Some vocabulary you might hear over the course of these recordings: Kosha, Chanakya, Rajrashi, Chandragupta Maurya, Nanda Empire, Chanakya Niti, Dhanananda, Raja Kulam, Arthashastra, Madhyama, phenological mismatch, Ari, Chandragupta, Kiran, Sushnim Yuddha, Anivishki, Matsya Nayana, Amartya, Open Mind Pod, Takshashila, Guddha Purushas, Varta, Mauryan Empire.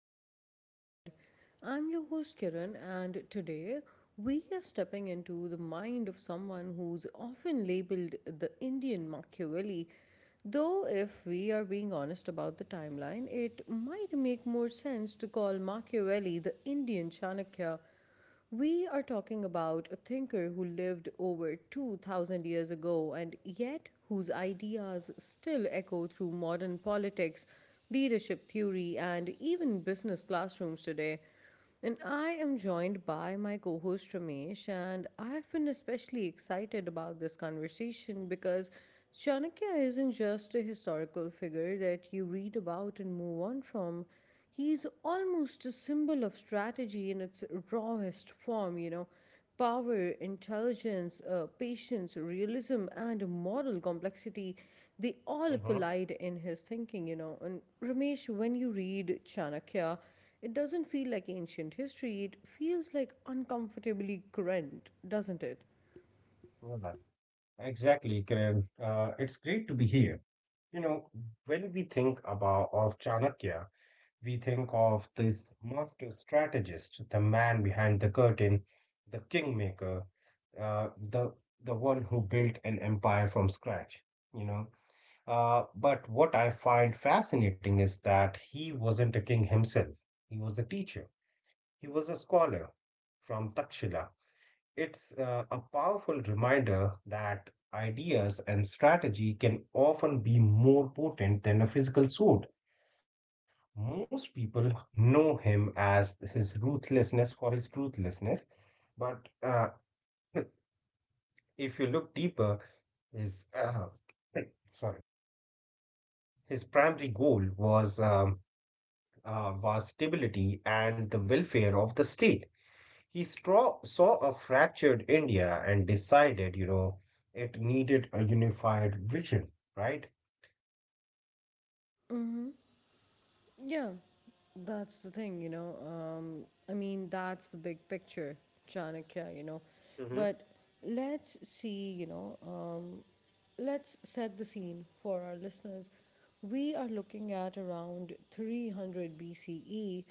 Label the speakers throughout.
Speaker 1: Open Mind Pod. I'm your host Kiran, and today we are stepping into the mind of someone who's often labeled the Indian Machiavelli. Though, if we are being honest about the timeline, it might make more sense to call Machiavelli the Indian Chanakya. We are talking about a thinker who lived over 2000 years ago, and yet whose ideas still echo through modern politics, leadership theory, and even business classrooms today. And I am joined by my co host Ramesh, and I've been especially excited about this conversation because Chanakya isn't just a historical figure that you read about and move on from. He's almost a symbol of strategy in its rawest form. Power, intelligence, patience, realism, and moral complexity, they all
Speaker 2: hmm
Speaker 1: collide in his thinking. And Ramesh, when you read Chanakya, it doesn't feel like ancient history, it feels like uncomfortably current, doesn't it?
Speaker 2: Exactly, Kiran. It's great to be here. You know, when we think about of Chanakya, we think of this master strategist, the man behind the curtain, the kingmaker, uh, the the one who built an empire from scratch. You know, but what I find fascinating is that he wasn't a king himself. He was a teacher. He was a scholar from Takshila. It's a powerful reminder that ideas and strategy can often be more potent than a physical sword. Most people know him as his ruthlessness for his ruthlessness, but if you look deeper, his sorry, his primary goal was stability and the welfare of the state. He saw a fractured India and decided, you know, it needed a unified vision, right?
Speaker 1: Yeah, that's the thing. I mean, that's the big picture, Chanakya.
Speaker 2: Mm-hmm.
Speaker 1: But let's see, let's set the scene for our listeners. We are looking at around 300 BCE.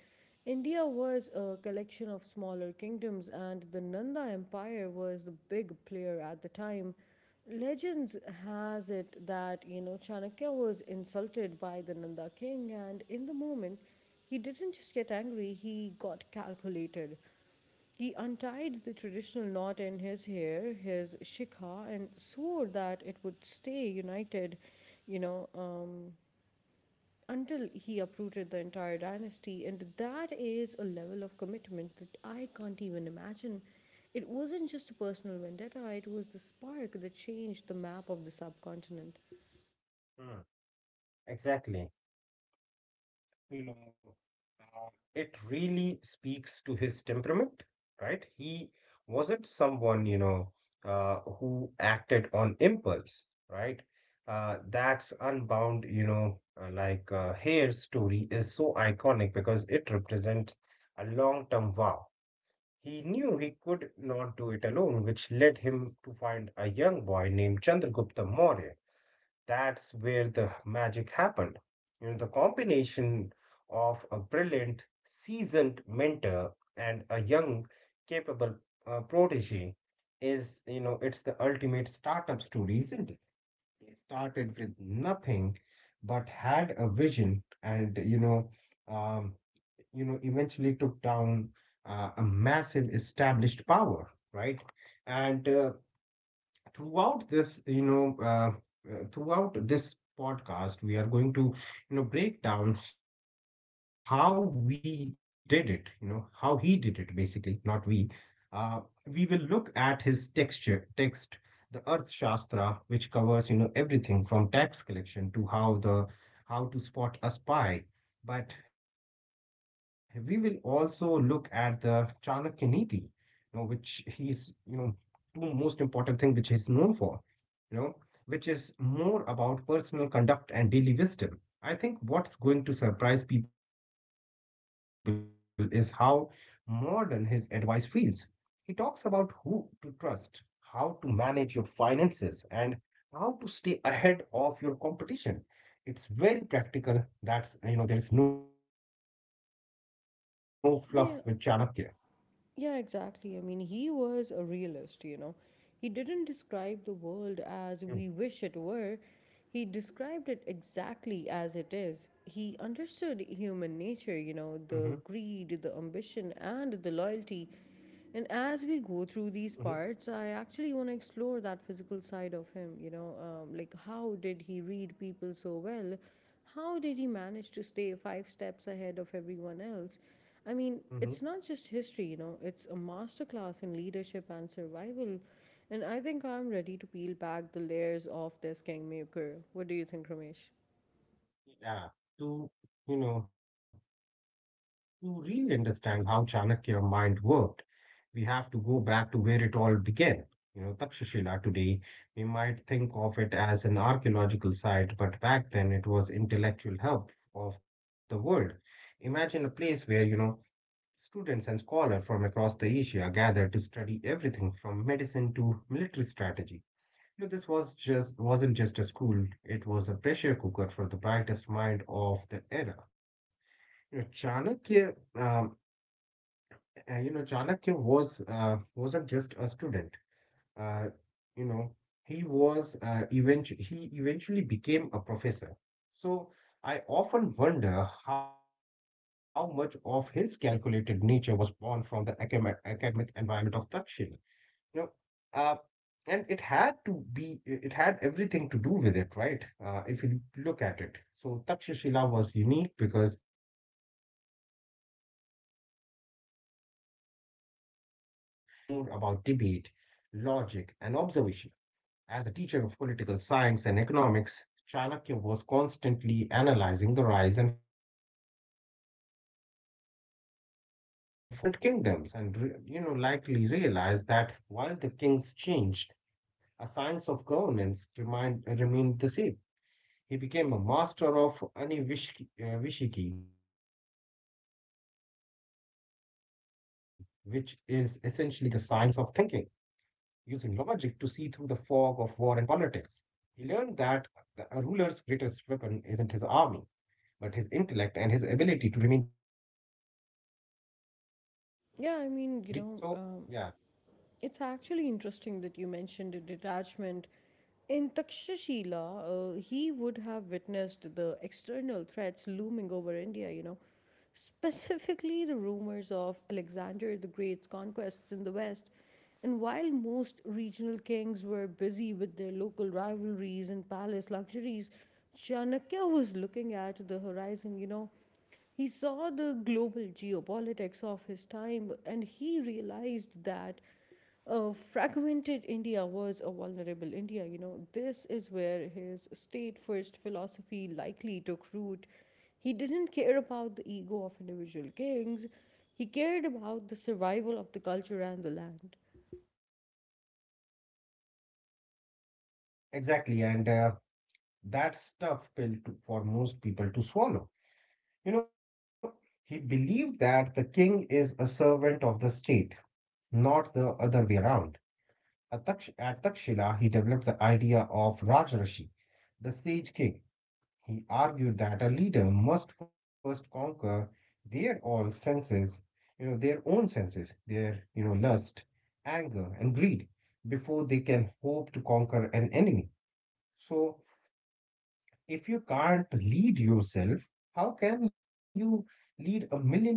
Speaker 1: India was a collection of smaller kingdoms, and the Nanda Empire was the big player at the time. Legends has it that Chanakya was insulted by the Nanda king, and in the moment, he didn't just get angry, he got calculated. He untied the traditional knot in his hair, his shikha, and swore that it would stay united, you know, um, until he uprooted the entire dynasty. And that is a level of commitment that I can't even imagine. It wasn't just a personal vendetta, it was the spark that changed the map of the subcontinent.
Speaker 2: Mm, exactly. You know, it really speaks to his temperament, right? He wasn't someone, you know, who acted on impulse, right? That's unbound, you know, hair story is so iconic because it represents a long-term vow. He knew he could not do it alone, which led him to find a young boy named Chandragupta Maurya. That's where the magic happened. You know, the combination of a brilliant, seasoned mentor and a young, capable, protege is, you know, it's the ultimate startup story, isn't it? They started with nothing but had a vision and, um, eventually took down a massive established power, right? And throughout this you know uh, throughout this podcast we are going to, you know, break down how we did it, you know, how he did it basically, not we. uh, we will look at his text, the earth shastra, which covers, you know, everything from tax collection to how to spot a spy. But we will also look at the Chanakya Niti, you know, which he's two most important thing which he's known for, you know, which is more about personal conduct and daily wisdom. I think what's going to surprise people is how modern his advice feels. He talks about who to trust, how to manage your finances, and how to stay ahead of your competition. It's very practical. You know, there is no fluff with Chanakya.
Speaker 1: Yeah, yeah, exactly. I mean, he was a realist. He didn't
Speaker 2: Mm.
Speaker 1: describe the world as we wish it were. He described it exactly as it is. He understood
Speaker 2: hmm
Speaker 1: human nature, the greed, the ambition, and the loyalty. And as we
Speaker 2: hmm
Speaker 1: go through these parts, I actually want to explore that physical side of him, like how did he read people so well? How did he manage to stay five steps ahead of everyone else? I mean,
Speaker 2: hmm
Speaker 1: it's not just history, it's a masterclass in leadership and survival. And I think I'm ready to peel back the layers of this kingmaker. What do you think, Ramesh?
Speaker 2: Yeah. To, you know, to really understand how Chanakya mind worked, we have to go back to where it all began. You know, Takshashila today, we might think of it as an archaeological site, but back then it was intellectual hub of the world. Imagine a place where, you know, students and scholars from across the Asia gathered to study everything from medicine to military strategy. You know, this was just wasn't just a school, it was a pressure cooker for the brightest mind of the era. You know, Chanakya, um, you know, Chanakya was wasn't just a student. Uh, you know he was uh, eventually he eventually became a professor. So I often wonder how much of his calculated nature was born from the academic environment of Takshila. you know uh, and it had to be, it had everything to do with it, right? If you look at it, so Takshashila was unique because it wasn't just about, you know, rote learning, it was more about debate, logic and observation. As a teacher of political science and economics, Chanakya was constantly analyzing the rise and fall of the states. He saw students coming from different kingdoms and likely realized that while the kings changed, a science of governance remained the same. He became a master of Vishiki, which is essentially the science of thinking, using logic to see through the fog of war and politics. He learned that a ruler's greatest weapon isn't his army, but his intellect and his ability to remain detached, right?
Speaker 1: Yeah, I mean,
Speaker 2: So,
Speaker 1: you know,
Speaker 2: yeah,
Speaker 1: um, It's actually interesting that you mentioned the detachment. In Takshashila, he would have witnessed the external threats looming over India, specifically the rumors of Alexander the Great's conquests in the West. And while most regional kings were busy with their local rivalries and palace luxuries, Chanakya was looking at the horizon. He saw the global geopolitics of his time and he realized that fragmented India was a vulnerable India. This is where his state first philosophy likely took root. He didn't care about the ego of individual kings, he cared about the survival of the culture and the land.
Speaker 2: exactly. And That's tough pill to, for most people to swallow. You know, he believed that the king is a servant of the state, not the other way around. At Takshila, he developed the idea of Rajrashi, the sage king. He argued that a leader must first conquer their all senses, their own senses, their, you know, lust, anger, and greed before they can hope to conquer an enemy. So if you can't lead yourself, how can you lead a million people?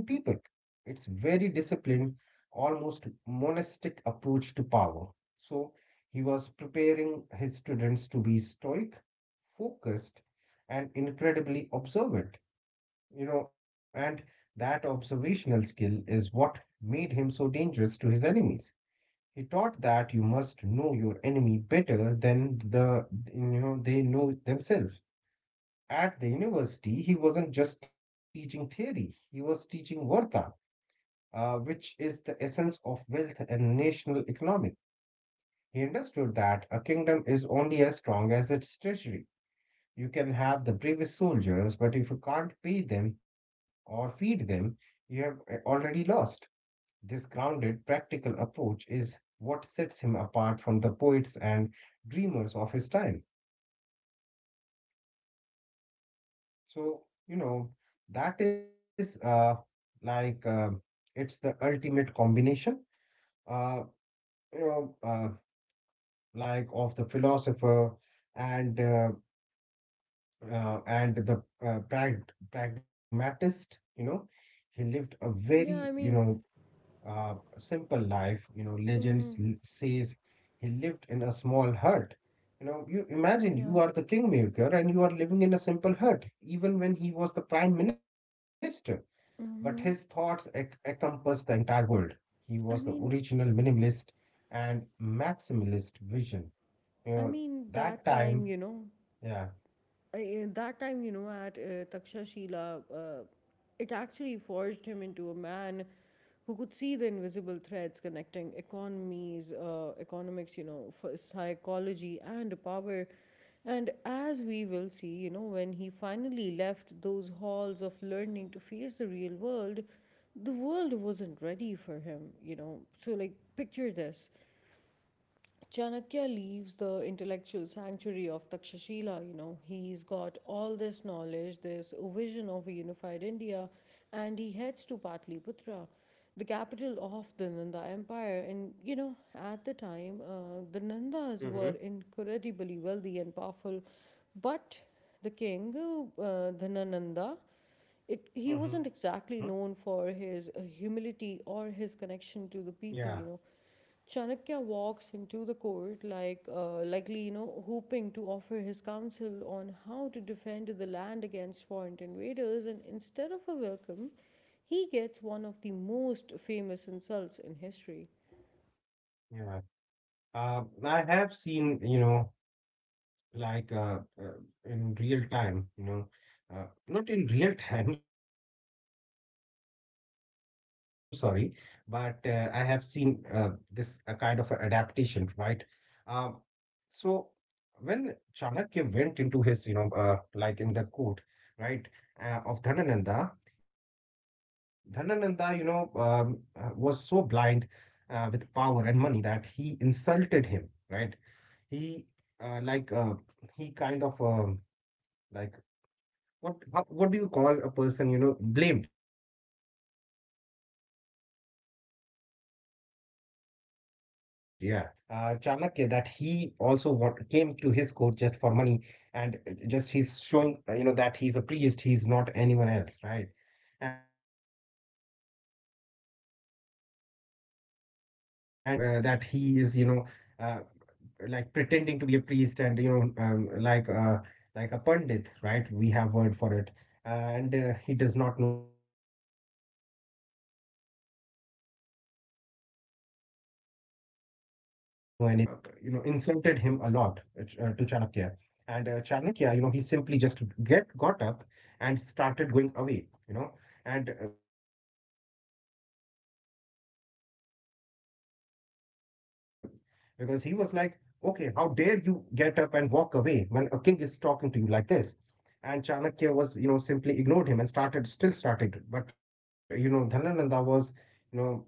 Speaker 2: It's very disciplined, almost monastic approach to power. So he was preparing his students to be stoic, focused, and incredibly observant. You know, and that observational skill is what made him so dangerous to his enemies. He taught that you must know your enemy better than they know themselves. At the university, he wasn't just teaching theory, he was teaching Varta, which is the essence of wealth and national economic. He understood that a kingdom is only as strong as its treasury. You can have the bravest soldiers, but if you can't pay them or feed them, you have already lost. This grounded, practical approach is what sets him apart from the poets and dreamers of his time. So, you know, that is like It's the ultimate combination, uh, you know, uh, of the philosopher and uh, and the prag pragmatist. He lived a very,
Speaker 1: Yeah,
Speaker 2: you
Speaker 1: I
Speaker 2: know,
Speaker 1: mean,
Speaker 2: simple life. You know,
Speaker 1: mm,
Speaker 2: says he lived in a small hut. You know, you imagine you
Speaker 1: yeah.
Speaker 2: are the kingmaker and you are living in a simple hut, even when he was the prime minister. But his thoughts
Speaker 1: Mm-hmm.
Speaker 2: encompassed the entire world. He was the
Speaker 1: I mean,
Speaker 2: original minimalist and maximalist vision. You know,
Speaker 1: I mean
Speaker 2: that
Speaker 1: that
Speaker 2: time,
Speaker 1: time, you know,
Speaker 2: yeah.
Speaker 1: I- uh, that time, you know, at Takshashila, it actually forged him into a man who could see the invisible threads connecting economics, psychology and power. And as we will see, when he finally left those halls of learning to face the real world, the world wasn't ready for him. So, like, picture this. Chanakya leaves the intellectual sanctuary of Takshashila. He's got all this knowledge, this vision of a unified India, and he heads to Patliputra, the capital of the Nanda Empire. And at the time, the Nandas were
Speaker 2: Mm-hmm.
Speaker 1: incredibly wealthy and powerful, but the king, Dhanananda, he
Speaker 2: Mm-hmm.
Speaker 1: wasn't exactly known for his humility or his connection to
Speaker 2: Yeah.
Speaker 1: the people. Chanakya walks into the court likely hoping to offer his counsel on how to defend the land against foreign invaders, and instead of a welcome he gets one of the most famous insults in history.
Speaker 2: Yeah. I have seen, you know, like uh, uh, in real time, you know, not in real time, sorry, but I have seen this a kind of a adaptation, right? Uh, so when Chanakya went into his, you know, like in the court, right, of Dhanananda. Dhanananda, you know, was so blind with power and money that he insulted him, right? He, like, he kind of, like, what how, What do you call a person, you know, blamed? Yeah, so sorry, sorry for that. So he blamed, Chanakya that he also came to his court just for money, and just he's showing, you know, that he's a priest, he's not anyone else, right? And he should, you know, be ashamed of himself, and you know, that he is, you know, uh, pretending to be a priest, and you know, a pandit, right, we have word for it. And he does not know anything and this and that. And Dhanananda, you know, you know he uh, uh, you know, insulted him a lot, to Chanakya. And Chanakya, you know, he simply just get got up and started going away, you know. And Dhanananda, you know, he got very angry with this, because he was like, "Okay, how dare you get up and walk away when a king is talking to you like this?" And Chanakya was, you know, simply ignored him and still started. But, you know, Dhanananda was, you know,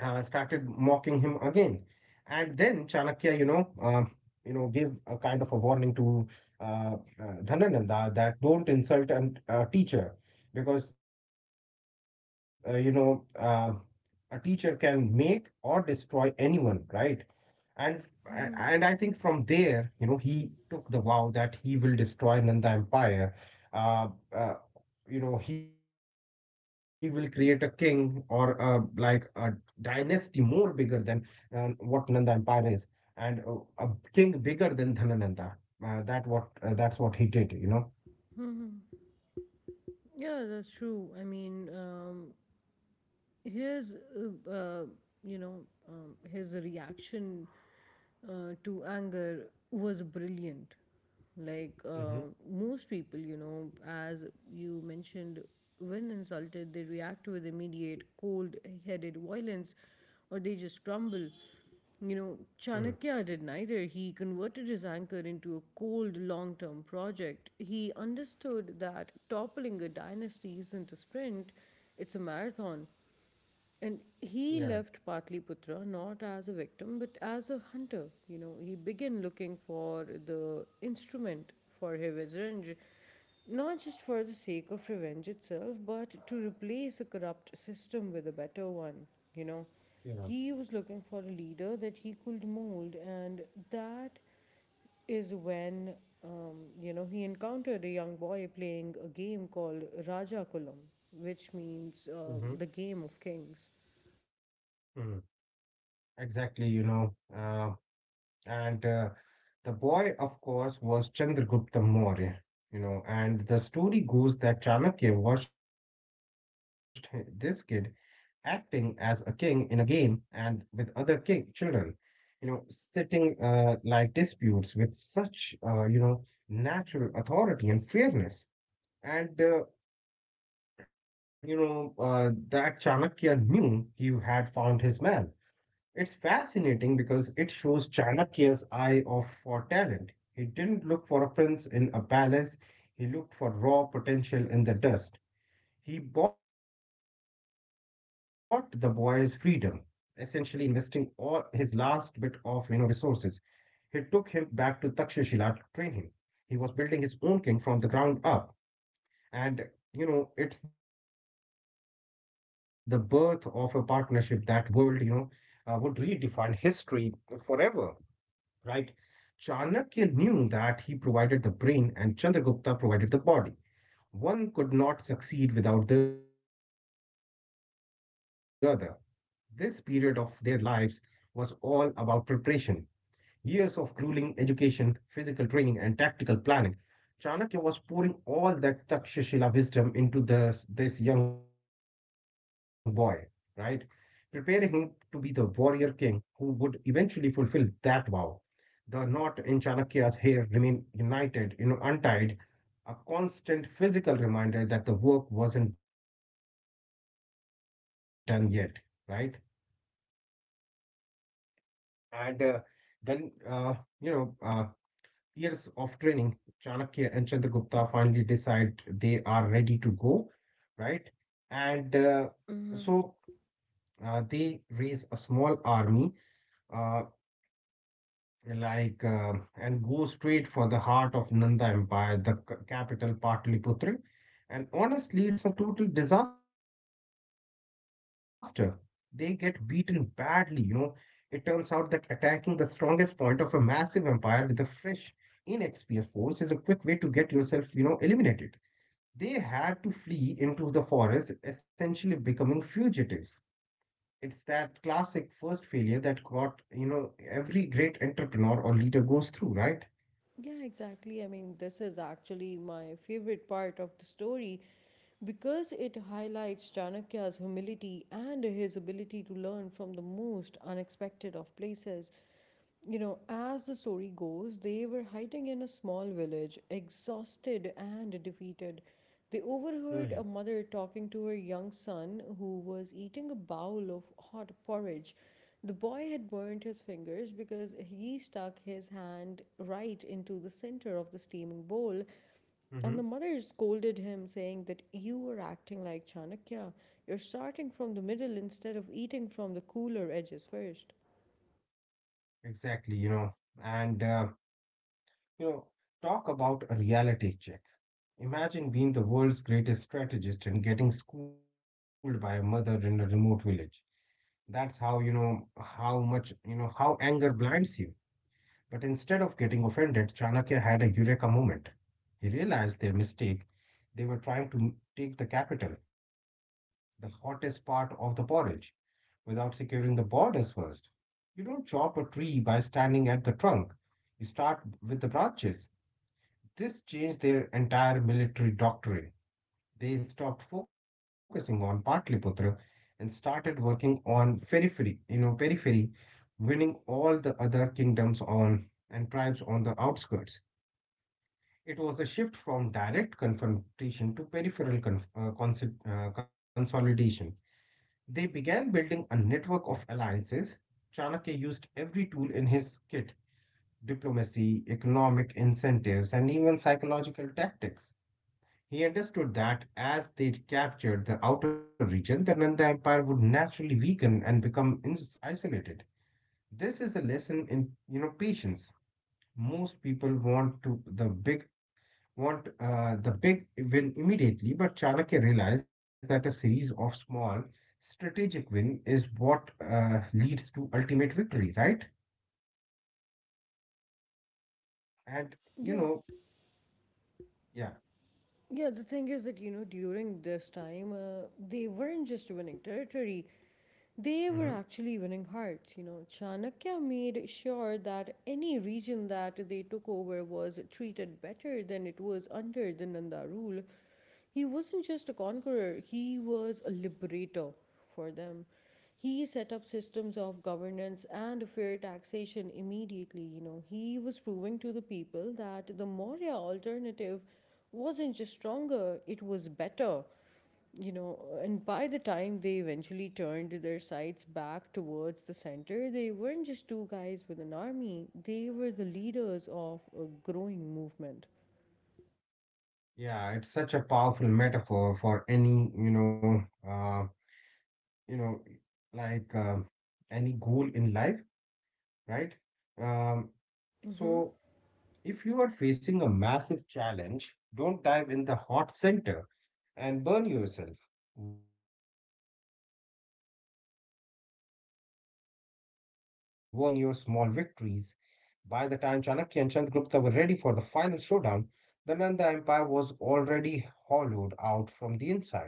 Speaker 2: started mocking him again. And then Chanakya, you know, gave a kind of a warning to uh, Dhanananda that don't insult a teacher, because, a teacher can make or destroy anyone, right? And
Speaker 1: Mhm.
Speaker 2: and I think from there, you know, he took the vow that he will destroy Nanda Empire. Uh, uh, you know, he will create a king or a, like a dynasty more bigger than what Nanda Empire is, and a king bigger than Dhanananda. That's what he did,
Speaker 1: Mhm.
Speaker 2: you know.
Speaker 1: Yeah, that's true. I mean, his, uh, uh, his reaction to anger was brilliant. Like, most
Speaker 2: Mm-hmm.
Speaker 1: people, as you mentioned, when insulted they react with immediate cold headed violence, or they just crumble. Chanakya did
Speaker 2: Mm.
Speaker 1: neither. He converted his anger into a cold long term project. He understood that toppling a dynasty isn't a sprint, it's a marathon. And he left
Speaker 2: Yeah,
Speaker 1: Patliputra not as a victim but as a hunter. He began looking for the instrument for his revenge, not just for the sake of revenge itself, but to replace a corrupt system with a better one. You know, he
Speaker 2: yeah.
Speaker 1: was looking for a leader that he could mold, and that is when he encountered a young boy playing a game called Raja Kulam, which means
Speaker 2: Mm-hmm.
Speaker 1: uh, the game of kings.
Speaker 2: Mm. Exactly, you know. And The boy, of course, was Chandragupta Maurya, you know. And the story goes that Chanakya watched this kid acting as a king in a game and with other king children, you know, sitting, like disputes with such, natural authority and fairness. And that Chanakya knew he had found his man. It's fascinating because it shows Chanakya's eye of for talent. He didn't look for a prince in a palace, he looked for raw potential in the dust. He bought the boy's freedom, essentially investing all his last bit of, you know, resources. He took him back to Takshashila to train him. He was building his own king from the ground up, and you know it's the birth of a partnership that world, you know, would redefine history forever, right? Chanakya knew that he provided the brain and Chandragupta provided the body. One could not succeed without the other. This period of their lives was all about preparation. Years of grueling education, physical training, and tactical planning. Chanakya was pouring all that Takshashila wisdom into this young boy, right? Preparing him to be the warrior king who would eventually fulfill that vow. The knot in Chanakya's hair remained untied, a constant physical reminder that the work wasn't done yet, right? And then, uh, you know, uh, years of training, Chanakya and Chandragupta finally decide they are ready to go, right? And so
Speaker 1: Hmm.
Speaker 2: They raise a small army. Uh, and go straight for the heart of Nanda Empire, the capital Pataliputra. And honestly, it's a total disaster. They get beaten badly, It turns out that attacking the strongest point of a massive empire with a fresh, inexperienced force is a quick way to get yourself, eliminated. They had to flee into the forest, essentially becoming fugitives. It's that classic first failure that every great entrepreneur or leader goes through, right?
Speaker 1: Yeah, exactly. I mean, this is actually my favorite part of the story because it highlights Chanakya's humility and his ability to learn from the most unexpected of places. As the story goes, they were hiding in a small village, exhausted and defeated. They overheard
Speaker 2: Mm.
Speaker 1: a mother talking to her young son who was eating a bowl of hot porridge. The boy had burned his fingers because he stuck his hand right into the center of the steaming bowl,
Speaker 2: Mm-hmm.
Speaker 1: and the mother scolded him, saying that you are acting like Chanakya. You're starting from the middle instead of eating from the cooler edges first.
Speaker 2: Exactly, and uh, you know, talk about a reality check. Imagine being the world's greatest strategist and getting schooled by a mother in a remote village. That's how, you know, how much, you know, how anger blinds you. But instead of getting offended, Chanakya had a eureka moment. He realized their mistake. They were trying to take the capital, the hottest part of the porridge, without securing the borders first. You don't chop a tree by standing at the trunk, you start with the branches. This changed their entire military doctrine. They stopped focusing on Patliputra and started working on periphery, winning all the other kingdoms on and tribes on the outskirts. It was a shift from direct confrontation to peripheral consolidation. They began building a network of alliances. Chanakya used every tool in his kit: diplomacy, economic incentives, and even psychological tactics. He understood that as they captured the outer region, the Nanda Empire would naturally weaken and become isolated. This is a lesson in patience. Most people want the big win immediately, but Chanakya realized that a series of small, strategic win is what leads to ultimate victory, right? And you
Speaker 1: Yeah,
Speaker 2: know, yeah,
Speaker 1: Yeah, the thing is that, during this time, they weren't just winning territory,
Speaker 2: hmm,
Speaker 1: they were actually winning hearts. Chanakya made sure that any region that they took over was treated better than it was under the Nanda rule. He wasn't just a conqueror, he was a liberator for them. He set up systems of governance and fair taxation immediately. He was proving to the people that the Maurya alternative wasn't just stronger, it was better, and by the time they eventually turned their sights back towards the center, they weren't just two guys with an army, they were the leaders of a growing movement.
Speaker 2: yeah, it's such a powerful metaphor for any, uh, you know, like um any goal in life, right? Um, so If you are facing a massive challenge, don't dive in the hot center and burn yourself. Work around the edges, build your foundation, gain your small victories. By the time Chanakya and Chandragupta were ready for the final showdown, the Nanda Empire was already hollowed out from the inside.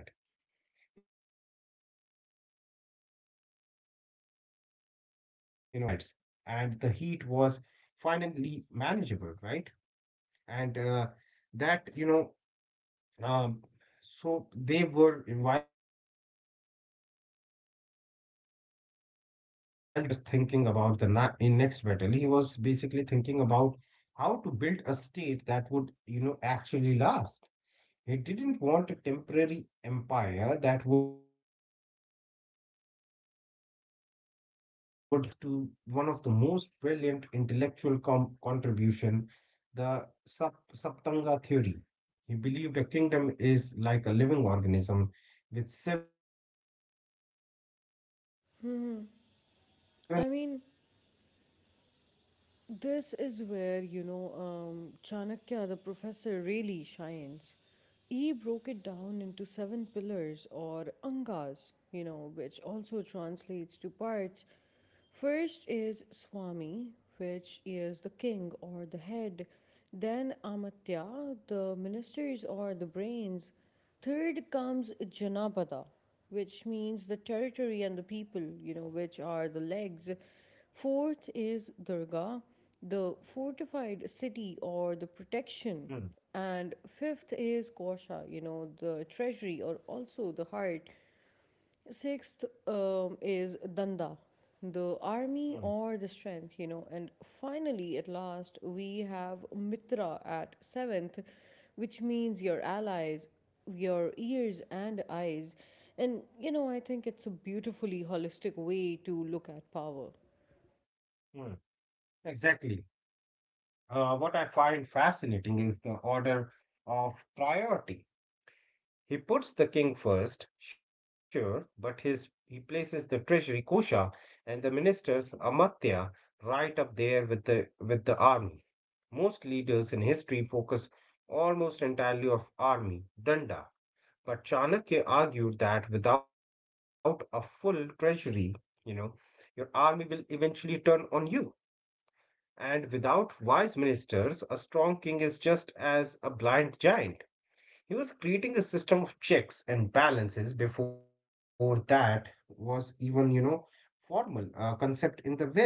Speaker 2: You know, they had mastered the art of eating the porridge from the sides, and the heat was finally manageable, right? and that you know um, so they were while they were eating the porridge from the edges. Chanakya wasn't just thinking about the na in next battle, he was basically thinking about how to build a state that would actually last. He didn't want a temporary empire that would crumble as soon as he was gone. This leads us to one of the most brilliant intellectual contribution, the Saptanga theory. He believed a kingdom is like a living organism with seven vital organs. If one fails, the whole body suffers.
Speaker 1: I mean, this is where Chanakya, the professor, really shines. He broke it down into seven pillars or angas, which also translates to parts. First is Swami, which is the king or the head. Then Amatya, the ministers or the brains. Third comes Janapada, which means the territory and the people, which are the legs. Fourth is Durga, the fortified city or the
Speaker 2: Hmm,
Speaker 1: protection. And fifth is Kosha, the treasury or also the heart. Sixth, is Danda, the
Speaker 2: hmm,
Speaker 1: army or the strength. And finally, at last, we have Mitra at seventh, which means your allies, your ears, and eyes. And I think it's a beautifully holistic way to look at power.
Speaker 2: hmm. Exactly. What I find fascinating is the order of priority. He puts the king first, sure, but he places the treasury Kosha and the ministers Amartya right up there with the army. Most leaders in history focus almost entirely on army danda, but Chanakya argued that without a full treasury, you know, your army will eventually turn on you. And without wise ministers, a strong king is just as a blind giant. He was creating a system of checks and balances before that was even, formal concept in the West.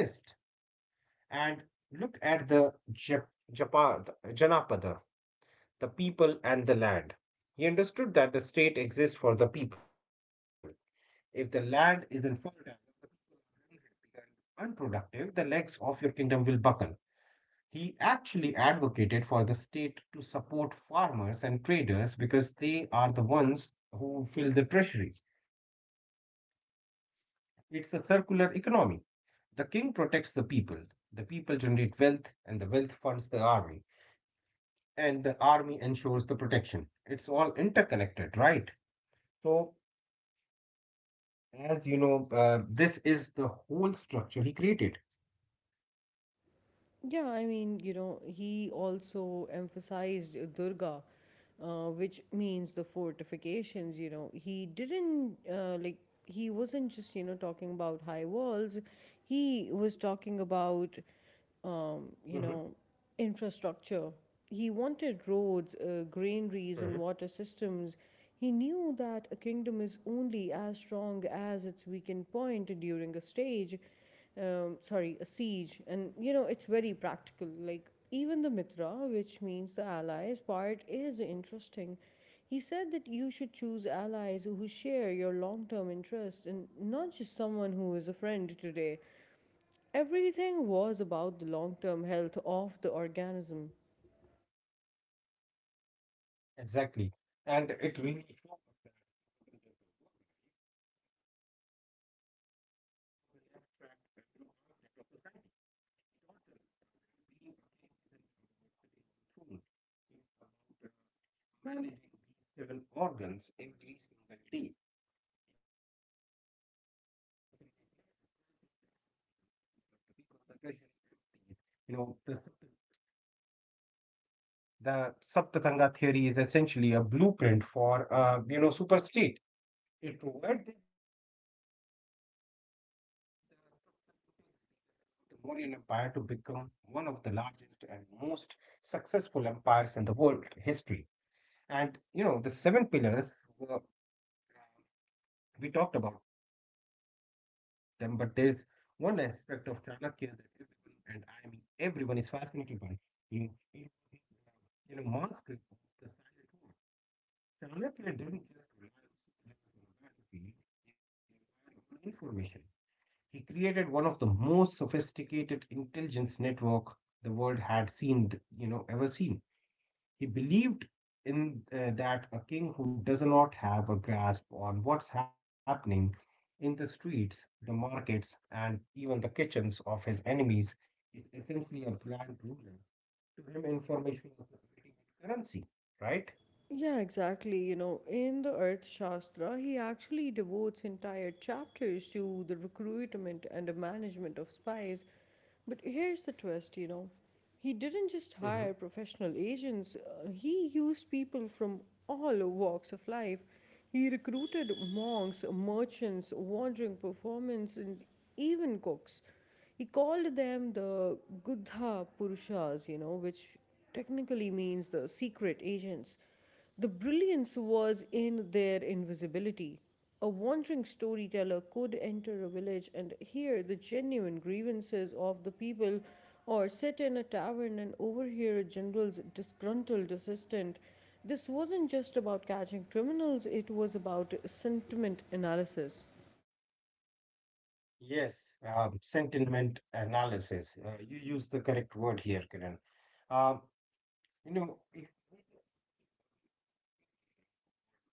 Speaker 2: And look at the Janapada, the people and the land. He understood that the state exists for the people. If the land isn't fertile, the people are unhappy and unproductive, the legs of your kingdom will buckle. He actually advocated for the state to support farmers and traders because they are the ones who fill the treasury. It's a circular economy. The king protects the people generate wealth, and the wealth funds the army, and the army ensures the protection. It's all interconnected, right? So, as you know, this is the whole structure he created.
Speaker 1: Yeah, I mean, he also emphasized Durga, which means the fortifications. You know, he didn't like he wasn't just talking about high walls. He was
Speaker 2: Mhm.
Speaker 1: talking about um, you know, infrastructure. He wanted
Speaker 2: Hmm.
Speaker 1: roads, granaries, and water systems. He knew that a kingdom is only as strong as its weakened point during a siege. And it's very practical. Like, even the Mitra, which means the allies part, is interesting. He said that you should choose allies who share your long term interests and not just someone who is a friend today. Everything was about the long term health of the organism.
Speaker 2: Exactly. And it really on an abstract and you know, architect of society. He taught Chandragupta that being a king isn't about sitting on a throne, it's about managing these seven organs every single day. If we neglect the cultural like the people, the treasury, empties, you know, the the Saptatanga theory is essentially a blueprint for, you know, superstate. It provided the Mauryan Empire to become one of the largest and most successful empires in the world history. And you know, the seven pillars were we talked about them, but there's one aspect of Chanakya that everyone, and I mean everyone, is fascinated by. You know, it was his, uh, you know, mastery of the silent war. Chanakya didn't just rely on soldiers on the battlefield, he relied on information. He created one of the most sophisticated intelligence network the world had seen, you know, ever seen. He believed in that a king who does not have a grasp on what's happening in the streets, the markets, and even the kitchens of his enemies is essentially a blind ruler. To him, information is the ultimate currency, right?
Speaker 1: Yeah, exactly. In the Earth Shastra, he actually devotes entire chapters to the recruitment and the management of spies. But here's the twist. He didn't
Speaker 2: Hmm.
Speaker 1: just hire professional agents, he used people from all walks of life. He recruited monks, merchants, wandering performers, and even cooks. He called them the Guddha Purushas, which technically means the secret agents. The brilliance was in their invisibility. A wandering storyteller could enter a village and hear the genuine grievances of the people, or sit in a tavern and overhear a general's disgruntled assistant. This wasn't just about catching criminals, it was about sentiment analysis.
Speaker 2: Yes, sentiment analysis. You use the correct word here, Kiran. Uh, you know, it,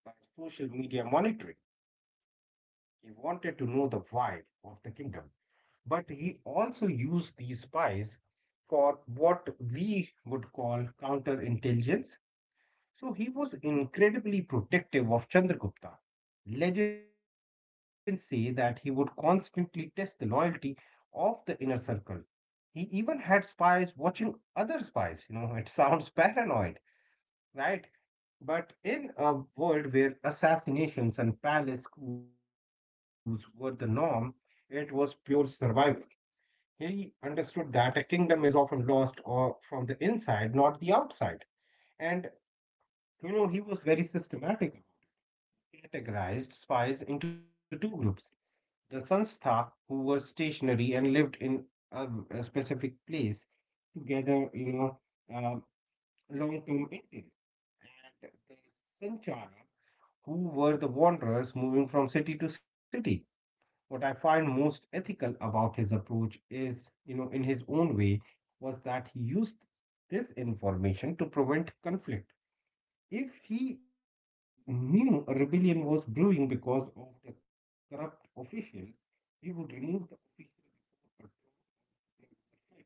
Speaker 2: uh, social media monitoring. He wanted to know the vibe of the kingdom, but he also used these spies for what we would call counterintelligence. So he was incredibly protective of Chandragupta. Legends say that he would constantly test the loyalty of the inner circle. He even had spies watching other spies. It sounds paranoid, right? But in a world where assassinations and palace coups were the norm, it was pure survival. He understood that a kingdom is often lost or from the inside, not the outside. And you know, he was very systematic. Categorized spies into two groups: the Sanstha, who were stationary and lived in a, a specific place, together, uh, long term India, and the Sanchara, who were the wanderers moving from city to city. What I find most ethical about his approach is, you know, in his own way, was that he used this information to prevent conflict. If he knew a rebellion was brewing because of the corrupt official, he would remove the official before a drop was shed.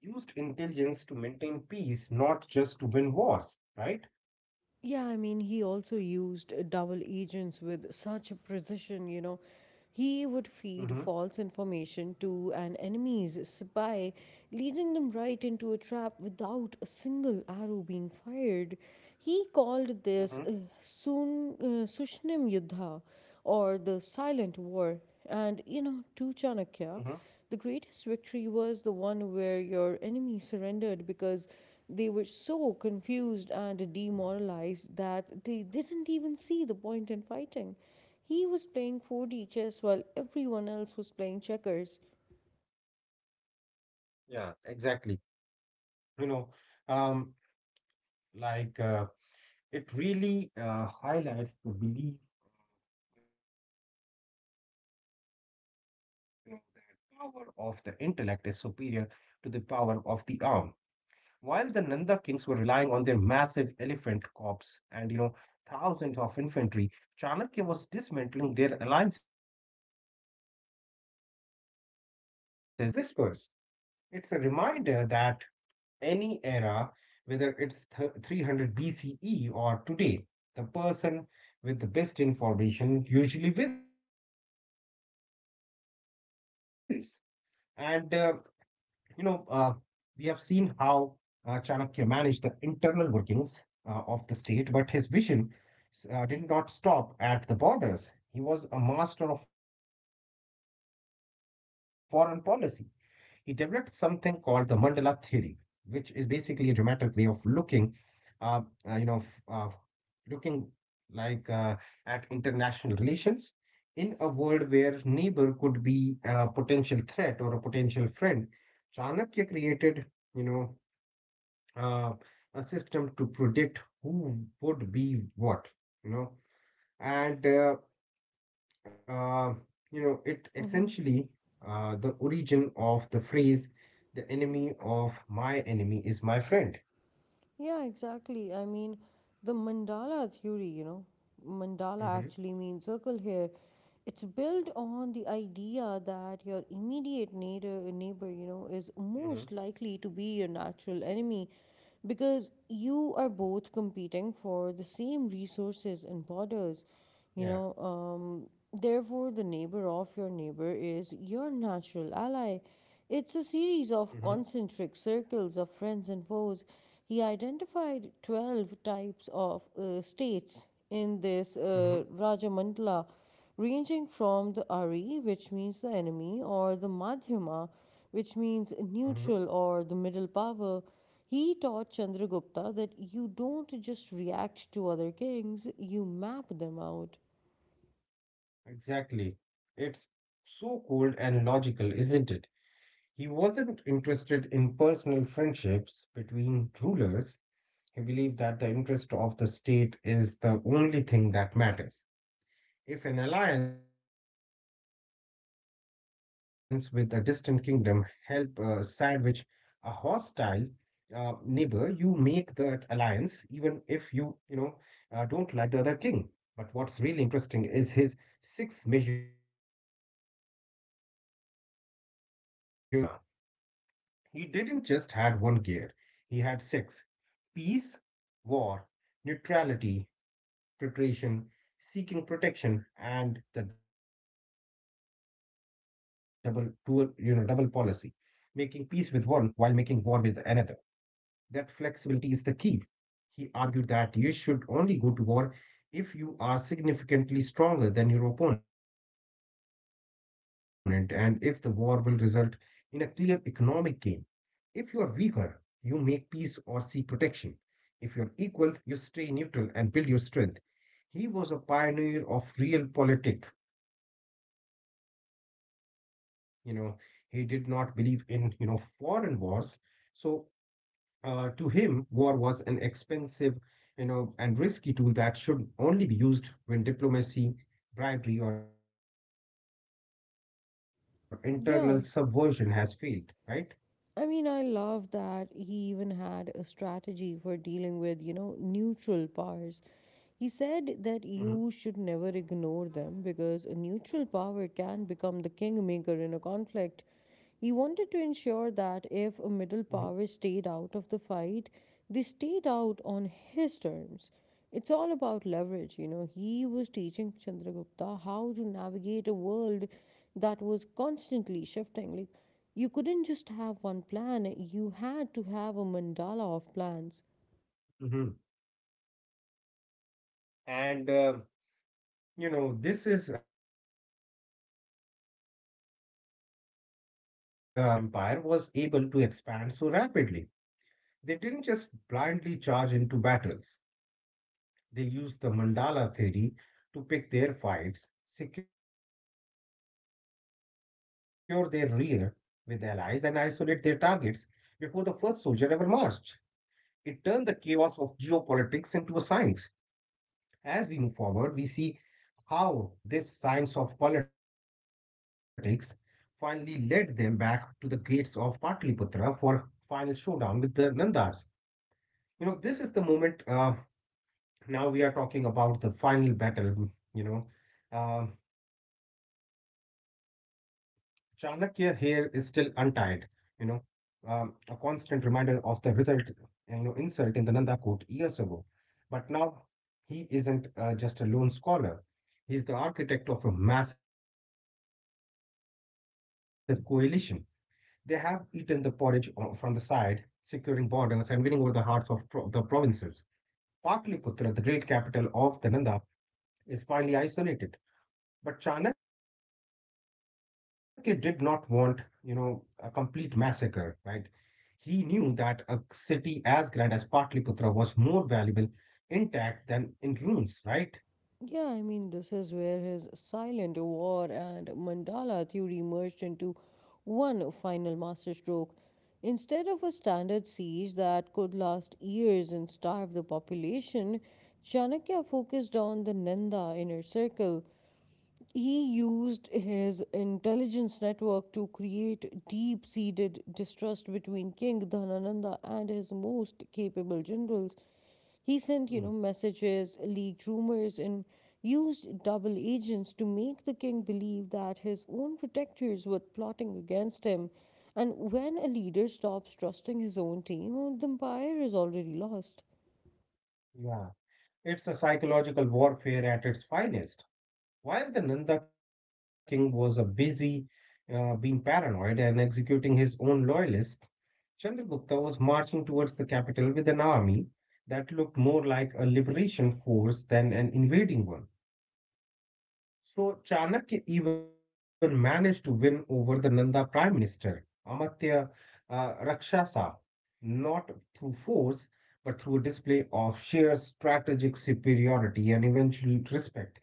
Speaker 2: He used intelligence to maintain peace, not just to win wars, right?
Speaker 1: Yeah, I mean, he also used double agents with such precision. He would feed
Speaker 2: Mm-hmm.
Speaker 1: false information to an enemy's spy, leading them right into a trap without a single arrow being fired. He called this Sushnim Yuddha, or the Silent War. And to
Speaker 2: Mm-hmm.
Speaker 1: Chanakya, the greatest victory was the one where your enemy surrendered because they were so confused and demoralized that they didn't even see the point in fighting. He was playing 4D chess while everyone else was playing checkers.
Speaker 2: Yeah, exactly. You know, um, like uh, it really highlights the belief, you know, that power of the intellect is superior to the power of the arm. While the Nanda kings were relying on their massive elephant corps and, you know, thousands of infantry, Chanakya was dismantling their alliances and sowing seeds of doubt among their generals, using nothing but whispers. It's a reminder that any era, whether it's 300 BCE or today, the person with the best information usually wins. And, you know, uh, we have seen how Chanakya managed the internal workings of the state, but his vision did not stop at the borders. He was a master of foreign policy. He developed something called the mandala theory, which is basically a dramatic way of uh, uh, you know, uh, looking like uh, at international relations in a world where neighbor could be a potential threat or a potential friend. Chanakya created, you know, uh, a system to predict who would be what, you know, and uh, Uh, it
Speaker 1: Mhm.
Speaker 2: essentially the origin of the phrase "the enemy of my enemy is my friend."
Speaker 1: Yeah, exactly. The mandala theory, mandala
Speaker 2: Mm-hmm.
Speaker 1: actually means circle here. It's built on the idea that your immediate neighbor, is
Speaker 2: Mm-hmm.
Speaker 1: most likely to be your natural enemy because you are both competing for the same resources and borders.
Speaker 2: Yeah.
Speaker 1: You know, um, Therefore, the neighbor of your neighbor is your natural ally. It's a series
Speaker 2: Mm-hmm.
Speaker 1: of concentric circles of friends and foes. He identified 12 types of states in this
Speaker 2: Mm-hmm.
Speaker 1: Rajamandala, ranging from the Ari, which means the enemy, or the Madhyama, which means
Speaker 2: Mm-hmm.
Speaker 1: neutral or the middle power. He taught Chandragupta that you don't just react to other kings, you map them out.
Speaker 2: Exactly. It's so cold and logical, isn't it? He wasn't interested in personal friendships between rulers. He believed that the interest of the state is the only thing that matters. If an alliance with a distant kingdom help sandwich a hostile neighbor, you make that alliance even if you, don't like the other king. But what's really interesting is his six measures of foreign policy, known as Sadgunya. He didn't just had one gear; he had six: peace, war, neutrality, preparation, seeking protection, and the double dual, double policy, making peace with one while making war with another. That flexibility is the key. He argued that you should only go to war if you are significantly stronger than your opponent and if the war will result in a clear economic gain. If you are weaker, you make peace or seek protection. If you're equal, you stay neutral and build your strength. He was a pioneer of real politic. You know, he did not believe in foreign wars. So, to him, war was an expensive, and risky tool that should only be used when diplomacy, bribery, or internal subversion has failed, right?
Speaker 1: Yeah. I love that he even had a strategy for dealing with, neutral powers. He
Speaker 2: Hmm.
Speaker 1: said that you should never ignore them because a neutral power can become the kingmaker in a conflict. He
Speaker 2: Hmm.
Speaker 1: wanted to ensure that if a middle power stayed out of the fight, they stayed out on his terms. It's all about leverage, you know. He was teaching Chandragupta how to navigate a world that was constantly shifting. Like, you couldn't just have one plan, you had to have a mandala of plans.
Speaker 2: Hmm. And, you know, this is, this theory is why the Mauryan Empire was able to expand so rapidly. They didn't just blindly charge into battles. They used the mandala theory to pick their fights, secure their rear with allies, and isolate their targets before the first soldier ever marched. It turned the chaos of geopolitics into a science. As we move forward, we see how this science of politics finally led them back to the gates of Patliputra for final showdown with the Nandas. You know, this is the moment now we are talking about the final battle you know Um Chanakya here is still untied you know a constant reminder of the result you know insult in the Nanda court years ago. But now he isn't just a lone scholar. He's the architect of a massive coalition. They have eaten the porridge from the side, securing borders and winning over the hearts of the provinces. Patliputra, the great capital of the Nanda, is finally isolated. But Chanakya did not want a complete massacre, right? He knew that a city as grand as Patliputra was more valuable intact than in ruins, right?
Speaker 1: Yeah, this is where his silent war and mandala theory merged into one final masterstroke. Instead of a standard siege that could last years and starve the population, Chanakya focused on the Nanda inner circle. He used his intelligence network to create deep seated distrust between King Dhanananda and his most capable generals. He sent,
Speaker 2: Hmm.
Speaker 1: messages, leaked rumors, and used double agents to make the king believe that his own protectors were plotting against him. And when a leader stops trusting his own team, oh, the empire is already lost.
Speaker 2: Yeah. It's a psychological warfare at its finest. While the Nanda king was a busy being paranoid and executing his own loyalists, Chandragupta was marching towards the capital with an army that looked more like a liberation force than an invading one. So Chanakya even managed to win over the Nanda prime minister, Amatya Rakshasa, not through force, but through a display of sheer strategic superiority and eventual respect.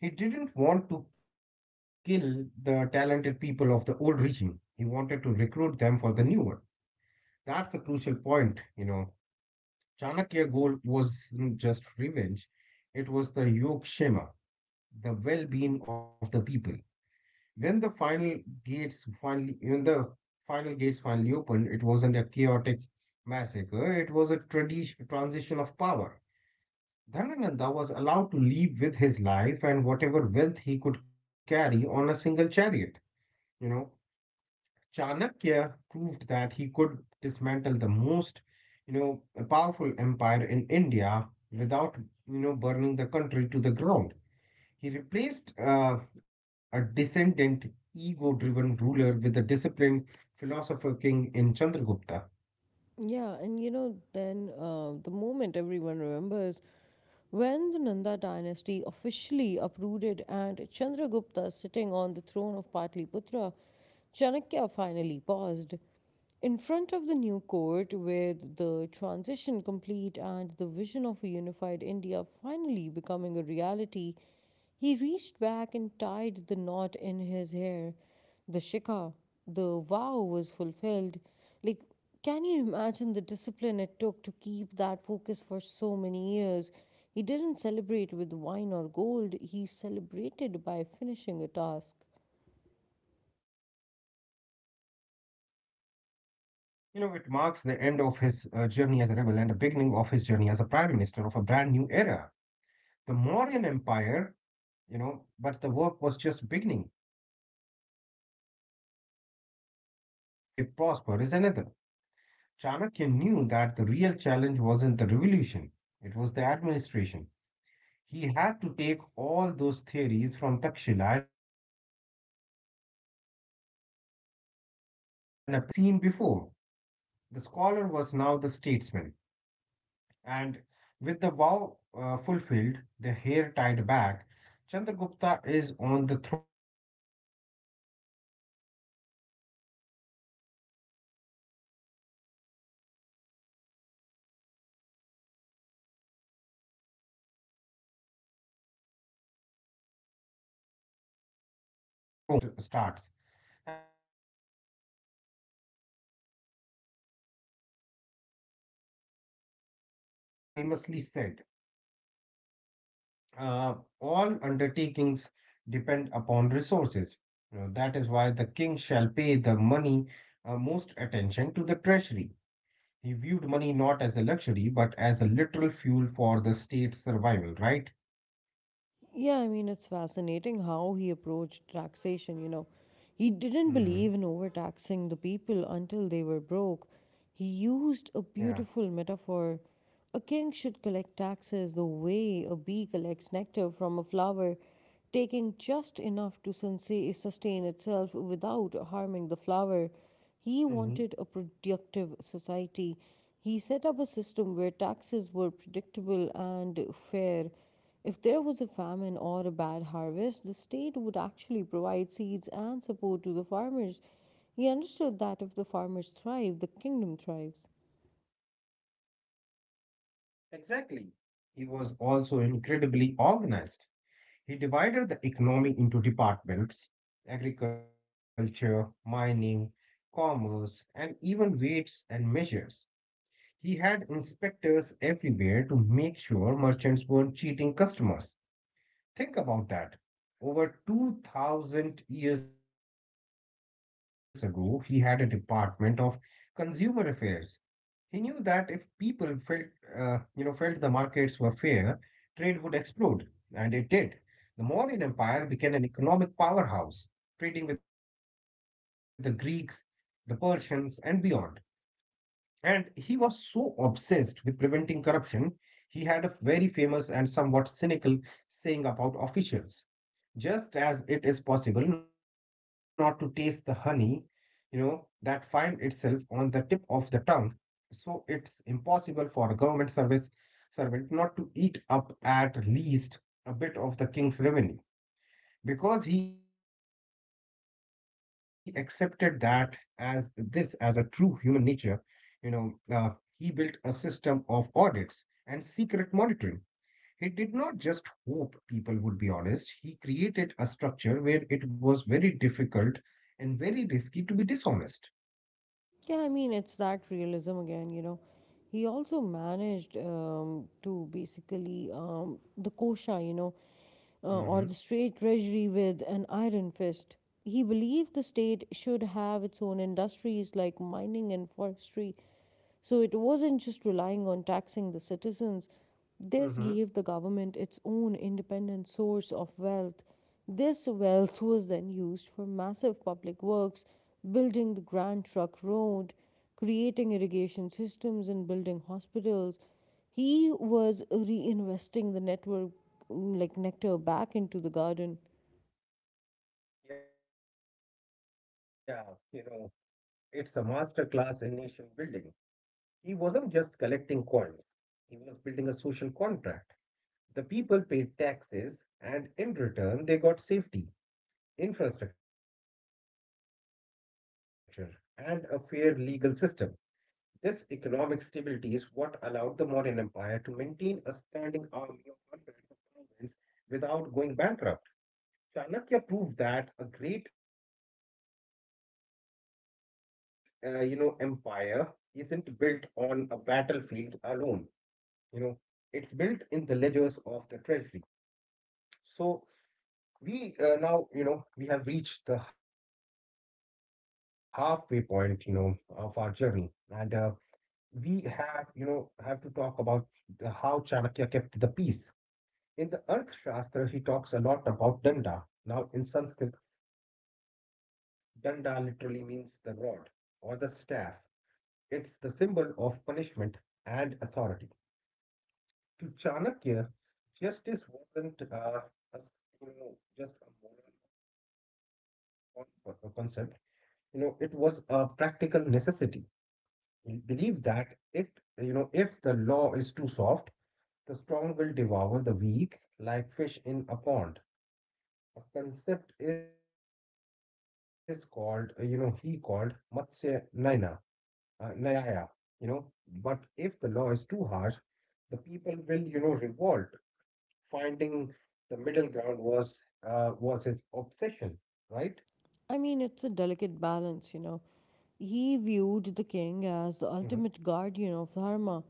Speaker 2: He didn't want to kill the talented people of the old regime. He wanted to recruit them for the new one. That's a crucial point. Chanakya's goal wasn't just revenge, it was the yogshema, the well-being of the people. When the final when the final gates finally opened, it wasn't a chaotic massacre, it was a tradition transition of power. Dhanananda was allowed to leave with his life and whatever wealth he could carry on a single chariot. You know, Chanakya proved that he could dismantle the most, you know, powerful empire in India without burning the country to the ground. He replaced a descendant, ego-driven ruler with a disciplined philosopher king in Chandragupta.
Speaker 1: Yeah, and the moment everyone remembers when the Nanda dynasty officially uprooted and Chandragupta sitting on the throne of Patliputra, Chanakya finally paused. In front of the new court, with the transition complete and the vision of a unified India finally becoming a reality, he reached back and tied the knot in his hair. The shikha, the vow was fulfilled. Like, can you imagine the discipline it took to keep that focus for so many years? He didn't celebrate with wine or gold, he celebrated by finishing a task.
Speaker 2: It marks the end of his journey as a rebel and the beginning of his journey as a prime minister of a brand new era. The Mauryan Empire, but the work was just beginning. Winning the throne is one thing, keeping it and making it prosper is another. Chanakya knew that the real challenge wasn't the revolution, it was the administration. He had to take all those theories from Takshila and apply them to a territory larger than almost anything seen before. The scholar was now the statesman. And with the vow fulfilled, the hair tied back, Chandragupta is on the throne. But this is where the boring work stat starts and the work that actually makes an empire survive. Chanakya did not just walk away and go back to teaching. He became the prime minister. He knew that the honeymoon period of a new revolution ends the moment the treasury runs dry. He once famously said, All undertakings depend upon resources. That is why the king shall pay the money most attention to the treasury. He viewed money not as a luxury but as a literal fuel for the state's survival, right?
Speaker 1: Yeah, it's fascinating how he approached taxation, you know. He didn't believe in
Speaker 2: Hmm.
Speaker 1: overtaxing the people until they were broke. He used a beautiful
Speaker 2: Yeah.
Speaker 1: metaphor. A king should collect taxes the way a bee collects nectar from a flower, taking just enough to sustain itself without harming the flower.
Speaker 2: Hmm.
Speaker 1: He wanted a productive society. He set up a system where taxes were predictable and fair. If there was a famine or a bad harvest, the state would actually provide seeds and support to the farmers. He understood that if the farmers thrive, the kingdom thrives.
Speaker 2: Exactly. He was also incredibly organized. He divided the economy into departments: agriculture, mining, commerce, and even weights and measures. He had inspectors everywhere to make sure merchants weren't cheating customers. Think about that. Over 2000 years ago, he had a department of consumer affairs. He knew that if people felt the markets were fair, trade would explode, and it did. The Mauryan Empire became an economic powerhouse, trading with the Greeks, the Persians, and beyond. And he was so obsessed with preventing corruption, he had a very famous and somewhat cynical saying about officials. Just as it is possible not to taste the honey, that find itself on the tip of the tongue, so it's impossible for a government service servant not to eat up at least a bit of the king's revenue, because he accepted that as a true human nature you know uh, he built a system of audits and secret monitoring. He did not just hope people would be honest. He created a structure where it was very difficult and very risky to be dishonest.
Speaker 1: Yeah, it's that realism again, you know. He also managed to basically the kosha, or the
Speaker 2: Hmm.
Speaker 1: state treasury with an iron fist. He believed the state should have its own industries like mining and forestry, so it wasn't just relying on taxing the citizens, this gave
Speaker 2: Hmm.
Speaker 1: the government its own independent source of wealth. This wealth was then used for massive public works, building the Grand Trunk Road, creating irrigation systems, and building hospitals. He was reinvesting the network, like nectar, back into the garden.
Speaker 2: Yeah. You know it's a master class in nation building. He wasn't just collecting coins. He was building a social contract. The people paid taxes, and in return, they got safety, infrastructure, and a fair legal system. This economic stability is what allowed the Mauryan Empire to maintain a standing army of hundreds of thousands without going bankrupt. Chanakya proved that a great empire isn't built on a battlefield alone. You know, it's built in the ledgers of the treasury. So, We now, you know, we have reached the halfway point of our journey, and we have to talk about how Chanakya kept the peace. In the Arthashastra, he talks a lot about danda. Now, in Sanskrit, danda literally means the rod or the staff. It's the symbol of punishment and authority. To Chanakya, justice wasn't a, just a moral con- a concept. It was a practical necessity. We believe that it, if the law is too soft, the strong will devour the weak like fish in a pond. A concept is called Matsya Nayaya, you know. But if the law is too harsh, the people will revolt. Finding the middle ground was his obsession, right?
Speaker 1: It's a delicate balance, you know. He
Speaker 2: Hmm.
Speaker 1: viewed the king as the ultimate guardian of dharma,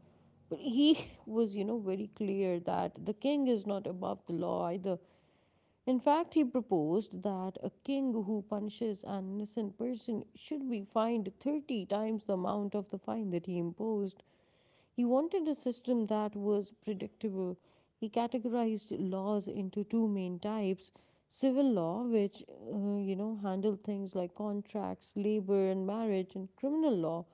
Speaker 1: but he was, you know, very clear that the king is not above the law either. In fact, he proposed that a king who punishes an innocent person should be fined 30 times the amount of the fine that he imposed. He wanted a system that was predictable. He categorized laws into two main types: civil law, which, handled things like contracts, labor, and marriage, and criminal law,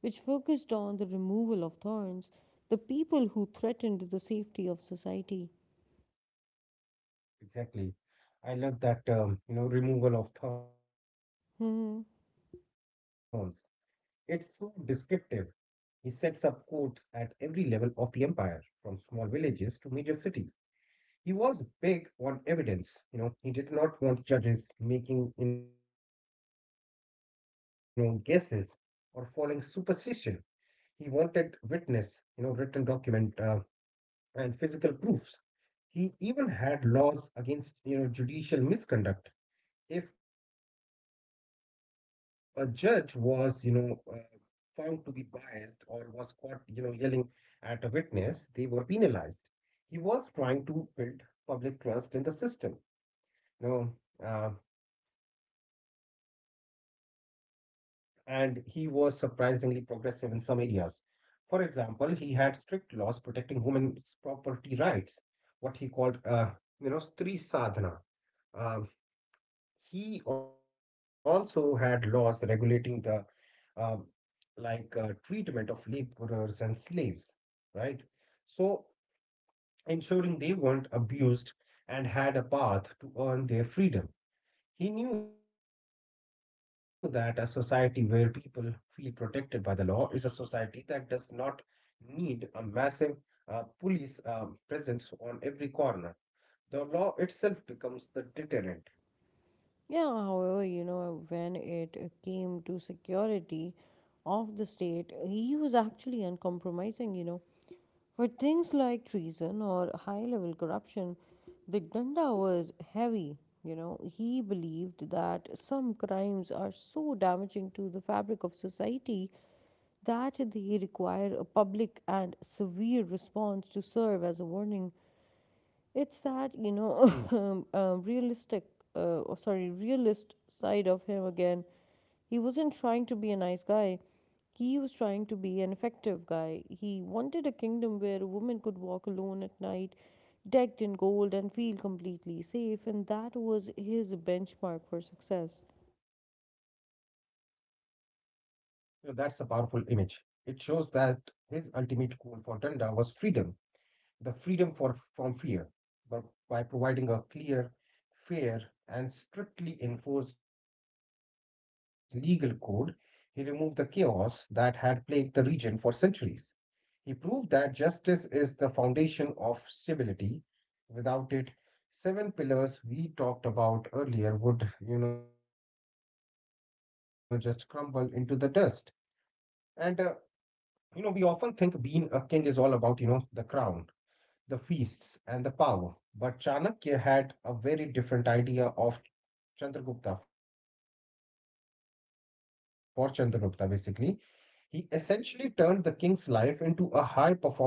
Speaker 1: which focused on the removal of thorns, the people who threatened the safety of society.
Speaker 2: Exactly. I love that term, removal of thorns. It's so
Speaker 1: Mm-hmm.
Speaker 2: descriptive. He sets up courts at every level of the empire, from small villages to major cities. He was big on evidence. He did not want judges making guesses or following superstition. He wanted witness, written document, and physical proofs. He even had laws against judicial misconduct. If a judge was found to be biased or was caught yelling at a witness, they were penalized. He was trying to build public trust in the system. You know, uh, and he was surprisingly progressive in some areas. For example, he had strict laws protecting women's property rights what he called Stri Sadhana. Um, he also had laws regulating the um like treatment of laborers and slaves, right? So ensuring they weren't abused and had a path to earn their freedom. He knew that a society where people feel protected by the law is a society that does not need a massive police presence on every corner. The law itself becomes the deterrent.
Speaker 1: Yeah, however, you know, when it came to security of the state, he was actually uncompromising, you know. For things like treason or high level corruption, the Danda was heavy, you know. He believed that some crimes are so damaging to the fabric of society that they require a public and severe response to serve as a warning. It's
Speaker 2: Hmm.
Speaker 1: that, you know, realist side of him again. He wasn't trying to be a nice guy. He was trying to be an effective guy. He wanted a kingdom where a woman could walk alone at night, decked in gold, and feel completely safe, and that was his benchmark for success.
Speaker 2: That's a powerful image. It shows that his ultimate goal for Danda was freedom, the freedom from fear, but by providing a clear, fair, and strictly enforced legal code, he removed the chaos that had plagued the region for centuries. He proved that justice is the foundation of stability. Without it, seven pillars we talked about earlier would just crumble into the dust. And we often think being a king is all about the crown, the feasts, and the power. But Chanakya had a very different idea for Chandragupta, basically. He essentially turned the king's life into a high performance athletic regime.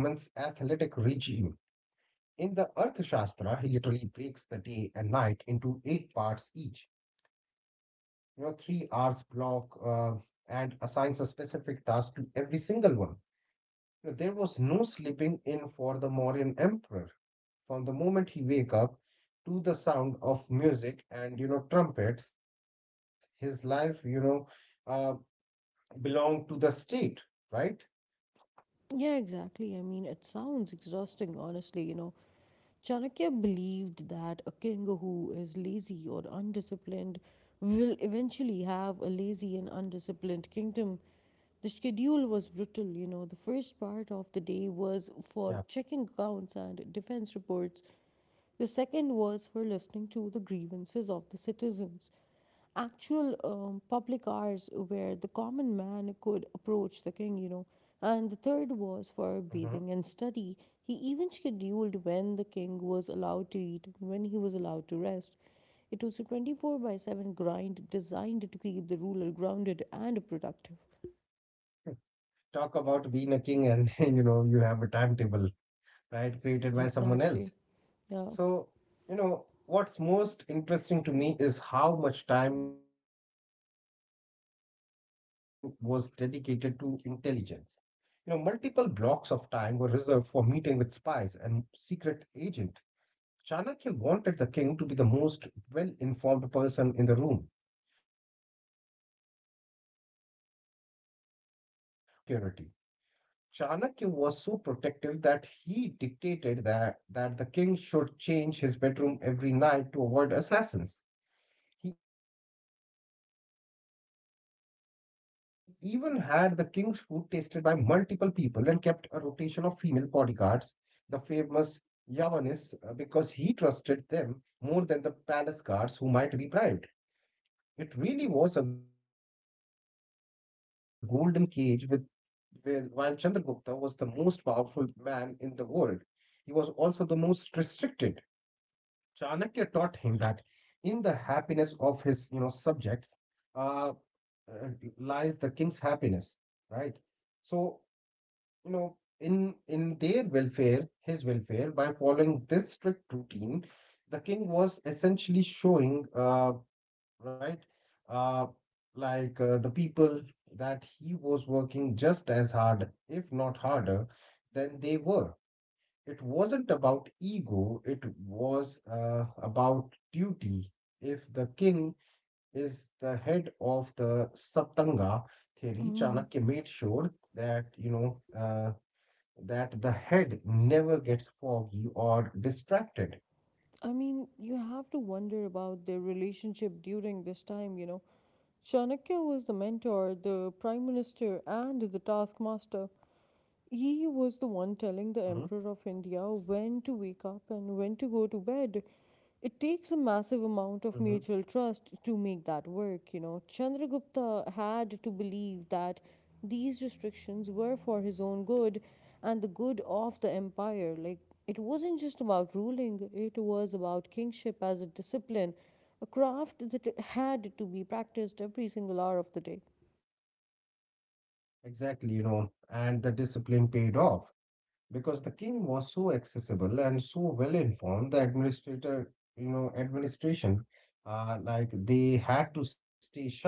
Speaker 2: In the Arthashastra, he literally breaks the day and night into eight parts each, 3 hours block, and assigns a specific task to every single one. There was no sleeping in for the Mauryan emperor. From the moment he wake up to the sound of music and trumpets, his life uh, belonged to the state, right?
Speaker 1: Yeah, exactly. It sounds exhausting, honestly, you know. Chanakya believed that a king who is lazy or undisciplined will eventually have a lazy and undisciplined kingdom. The schedule was
Speaker 2: Yeah.
Speaker 1: brutal, you know. The first part of the day was for checking accounts and defense reports. The second was for listening to the grievances of the citizens. Actual public hours where the common man could approach the king, you know. And the third
Speaker 2: Mhm.
Speaker 1: was for bathing and study. He even scheduled when the king was allowed to eat and when he was allowed to rest. It was a 24 by 7 grind designed to keep the ruler grounded and productive.
Speaker 2: Talk about being a king, and you know you have a timetable, right? Created by someone
Speaker 1: Exactly.
Speaker 2: else.
Speaker 1: Yeah.
Speaker 2: So, you know, what's most interesting to me is how much time was dedicated to intelligence. You know, multiple blocks of time were reserved for meeting with spies and secret agent. Chanakya wanted the king to be the most well-informed person in the room, but there was also a darker side to this schedule, security. Chanakya was so protective that he dictated that the king should change his bedroom every night to avoid assassins. He even had the king's food tasted by multiple people and kept a rotation of female bodyguards, the famous Yavanis, because he trusted them more than the palace guards who might be bribed. It really was a golden cage with where, while Chandragupta was the most powerful man in the world, he was also the most restricted. Chanakya taught him that in the happiness of his subjects uh, uh, lies the king's happiness, right? So, you know, in their welfare, his welfare. By following this strict routine, the king was essentially showing, right, uh, the people that he was working just as hard, if not harder, than they were. It wasn't about ego, it was about duty. If the king is the head of the Saptanga theory,
Speaker 1: Mhm.
Speaker 2: Chanakya made sure that the head never gets foggy or distracted.
Speaker 1: You have to wonder about their relationship during this time, you know. Chanakya was the mentor, the prime minister, and the taskmaster.
Speaker 2: Hmm.
Speaker 1: He was the one telling the Emperor of India when to wake up and when to go to bed. It takes a massive
Speaker 2: Hmm.
Speaker 1: amount of mutual trust to make that work, you know. Chandragupta had to believe that these restrictions were for his own good and the good of the empire. Like, it wasn't just about ruling, it was about kingship as a discipline, a craft that had to be practiced every single hour of the day.
Speaker 2: Exactly, you know, and the discipline paid off, because the king was so accessible and so well informed the administrator you know administration, like they had to stay sharp,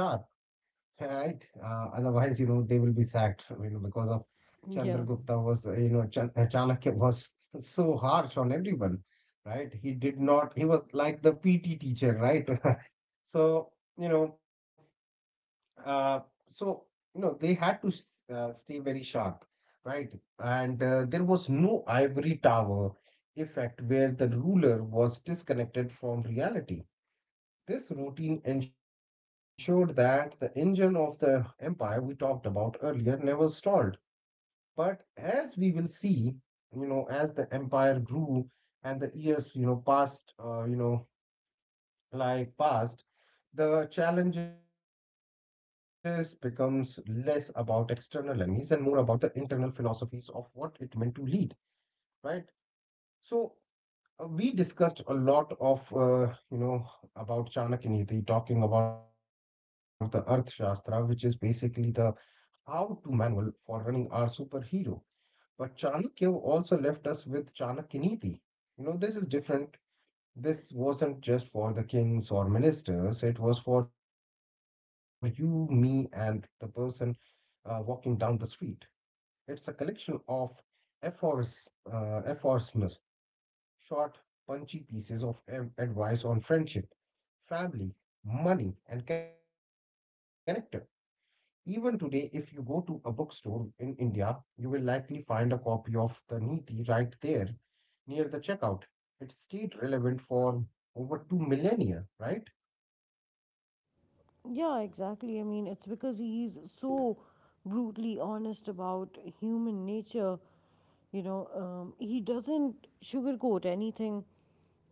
Speaker 2: right? Otherwise you know they will be sacked, you know because of
Speaker 1: Yeah.
Speaker 2: chandragupta was you know Chan- chanakya was so harsh on everyone, right? He did not, he was like the PT teacher, right? so you know uh, so they had to stay very sharp, right? And there was no ivory tower effect where the ruler was disconnected from reality. This routine ensured that the engine of the empire we talked about earlier never stalled. But as we will see, you know, as the empire grew and the years you know, passed, past, the challenges becomes less about external enemies and more about the internal philosophies of what it meant to lead, right? So we discussed a lot of you know about Chanakyaniti, talking about the Earth Shastra, which is basically the how-to manual for running our superhero. But Chanakya also left us with Chanakiniti. You know, this is different, this wasn't just for the kings or ministers, it was for you, me, and the person walking down the street. It's a collection of aphoris, aphorisms, short, punchy pieces of advice on friendship, family, money, and character. Even today, if you go to a bookstore in India, you will likely find a copy of the Niti right there near the checkout. It stayed relevant for over two millennia, right?
Speaker 1: Yeah, exactly. It's because he's so brutally honest about human nature. He doesn't sugarcoat anything.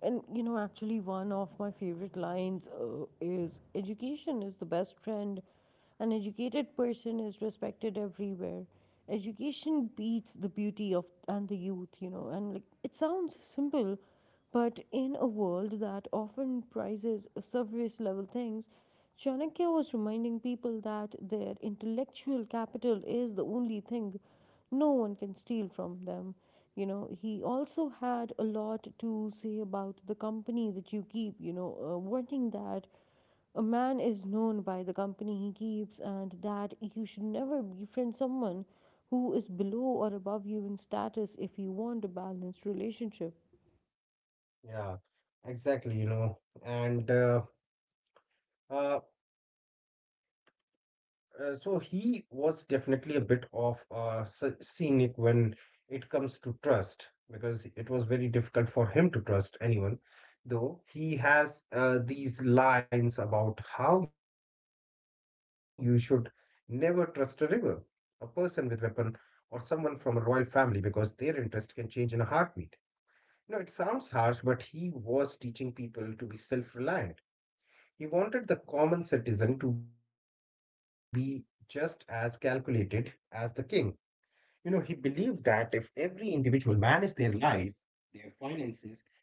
Speaker 1: And you know, actually, one of my favorite lines is education is the best friend. An educated person is respected everywhere. Education beats the beauty of and the youth, you know. And like it sounds simple, but in a world that often prizes surface level things, Chanakya was reminding people that their intellectual capital is the only thing no one can steal from them. You know, he also had a lot to say about the company that you keep, you know, warning that a man is known by the company he keeps and that you should never befriend someone who is below or above you in status if you want a balanced relationship.
Speaker 2: Yeah, exactly. you know. And uh, so he was definitely a bit of scenic when it comes to trust, because it was very difficult for him to trust anyone. Though he has these lines about how you should never trust a river, a person with weapon, or someone from a royal family, because their interest can change in a heartbeat. No, it sounds harsh, but he was teaching people to be self-reliant. He wanted the common citizen to be just as calculated as the king. You know, he believed that if every individual managed their lives, their finances,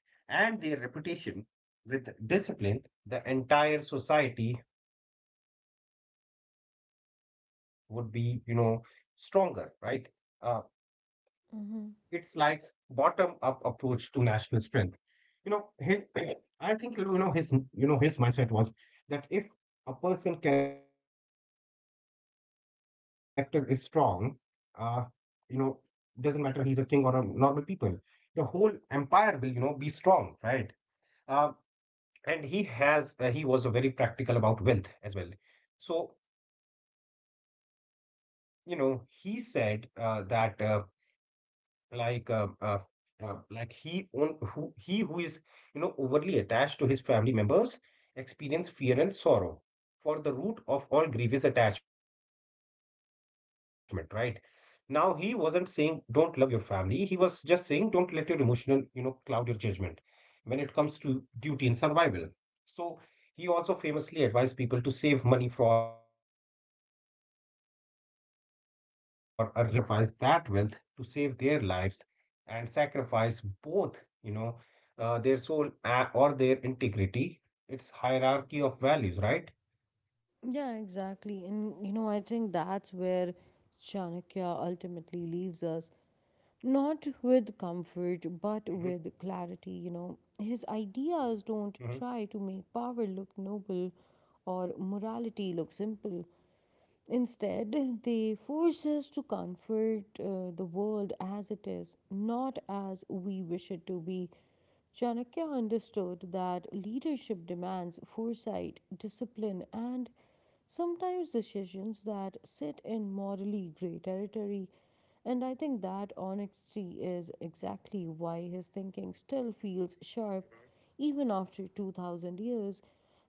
Speaker 2: and their reputation with discipline, the entire society would be you know, stronger, right? Uh, it's like bottom up
Speaker 1: Hmm.
Speaker 2: approach to national strength. You know his, I think you know his mindset was that if a person character is strong, uh you know doesn't matter he's a king or a normal people, the whole empire will you know be strong, right? uh and he has he was a very practical about wealth as well. So you know he said that like uh, uh, like he own who he who is you know overly attached to his family members experience fear and sorrow, for the root of all grievous attachment, right? Now he wasn't saying don't love your family, he was just saying don't let your emotional you know cloud your judgment when it comes to duty and survival. So he also famously advised people to save money for a rainy day, but then added that one should be willing to sacrifice that wealth to save their lives, and sacrifice both, you know, their soul or their integrity. It's hierarchy of values, right?
Speaker 1: Yeah, exactly. And you know, I think that's where Chanakya ultimately leaves us. Not with
Speaker 2: Hmm.
Speaker 1: comfort, but with clarity, you know. His ideas
Speaker 2: Hmm.
Speaker 1: don't try to make power look noble or morality look simple. Instead, they force us to comfort the world as it is, not as we wish it to be. Chanakya understood that leadership demands foresight, discipline, and sometimes decisions that sit in morally grey territory. And I think that honesty is exactly why his thinking still feels sharp even after 2000 years.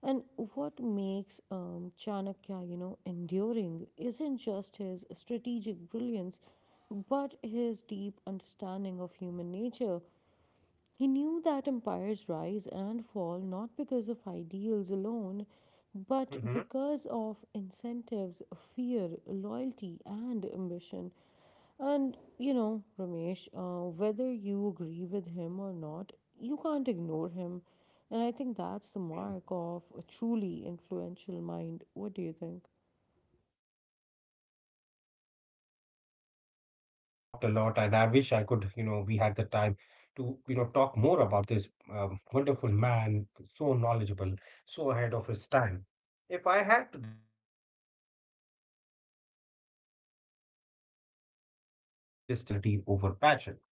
Speaker 1: And what makes Chanakya, you know, enduring isn't just his strategic brilliance, but his deep understanding of human nature. He knew that empires rise and fall not because of ideals alone, but because of incentives, fear, loyalty, and ambition. And you know, Ramesh, whether you agree with him or not, you can't ignore him. And I think
Speaker 2: Hmm.
Speaker 1: that's the mark of a truly influential mind. What do you think?
Speaker 2: Exactly, you know, Kiran, we talked a lot, and I wish I could, you know, we had the time to you know, talk more about this wonderful man, so knowledgeable, so ahead of his time. If I had to distill Chanakya's message for our modern world, it would be practicality over passion. You know.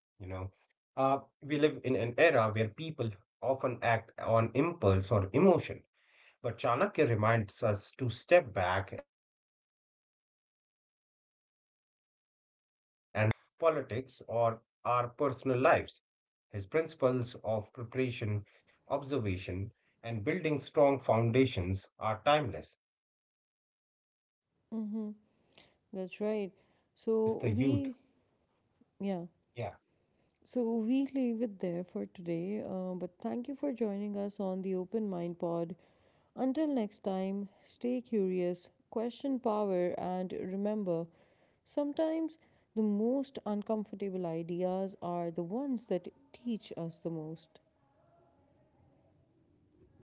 Speaker 2: Uh, we live in an era where people often act on impulse or emotion, but Chanakya reminds us to step back and look at the big picture, whether it's in business, politics, or our personal lives. His principles of preparation, observation, and building strong foundations are timeless. He taught us that the
Speaker 1: Mm-hmm.
Speaker 2: world's biggest
Speaker 1: That's
Speaker 2: power
Speaker 1: right.
Speaker 2: is the
Speaker 1: So
Speaker 2: youth.
Speaker 1: we, yeah.
Speaker 2: Yeah,
Speaker 1: So we leave it there for today. But thank you for joining us on the Open Mind Pod. Until next time, stay curious, question power, and remember, sometimes the most uncomfortable ideas are the ones that teach us the most.
Speaker 2: exactly.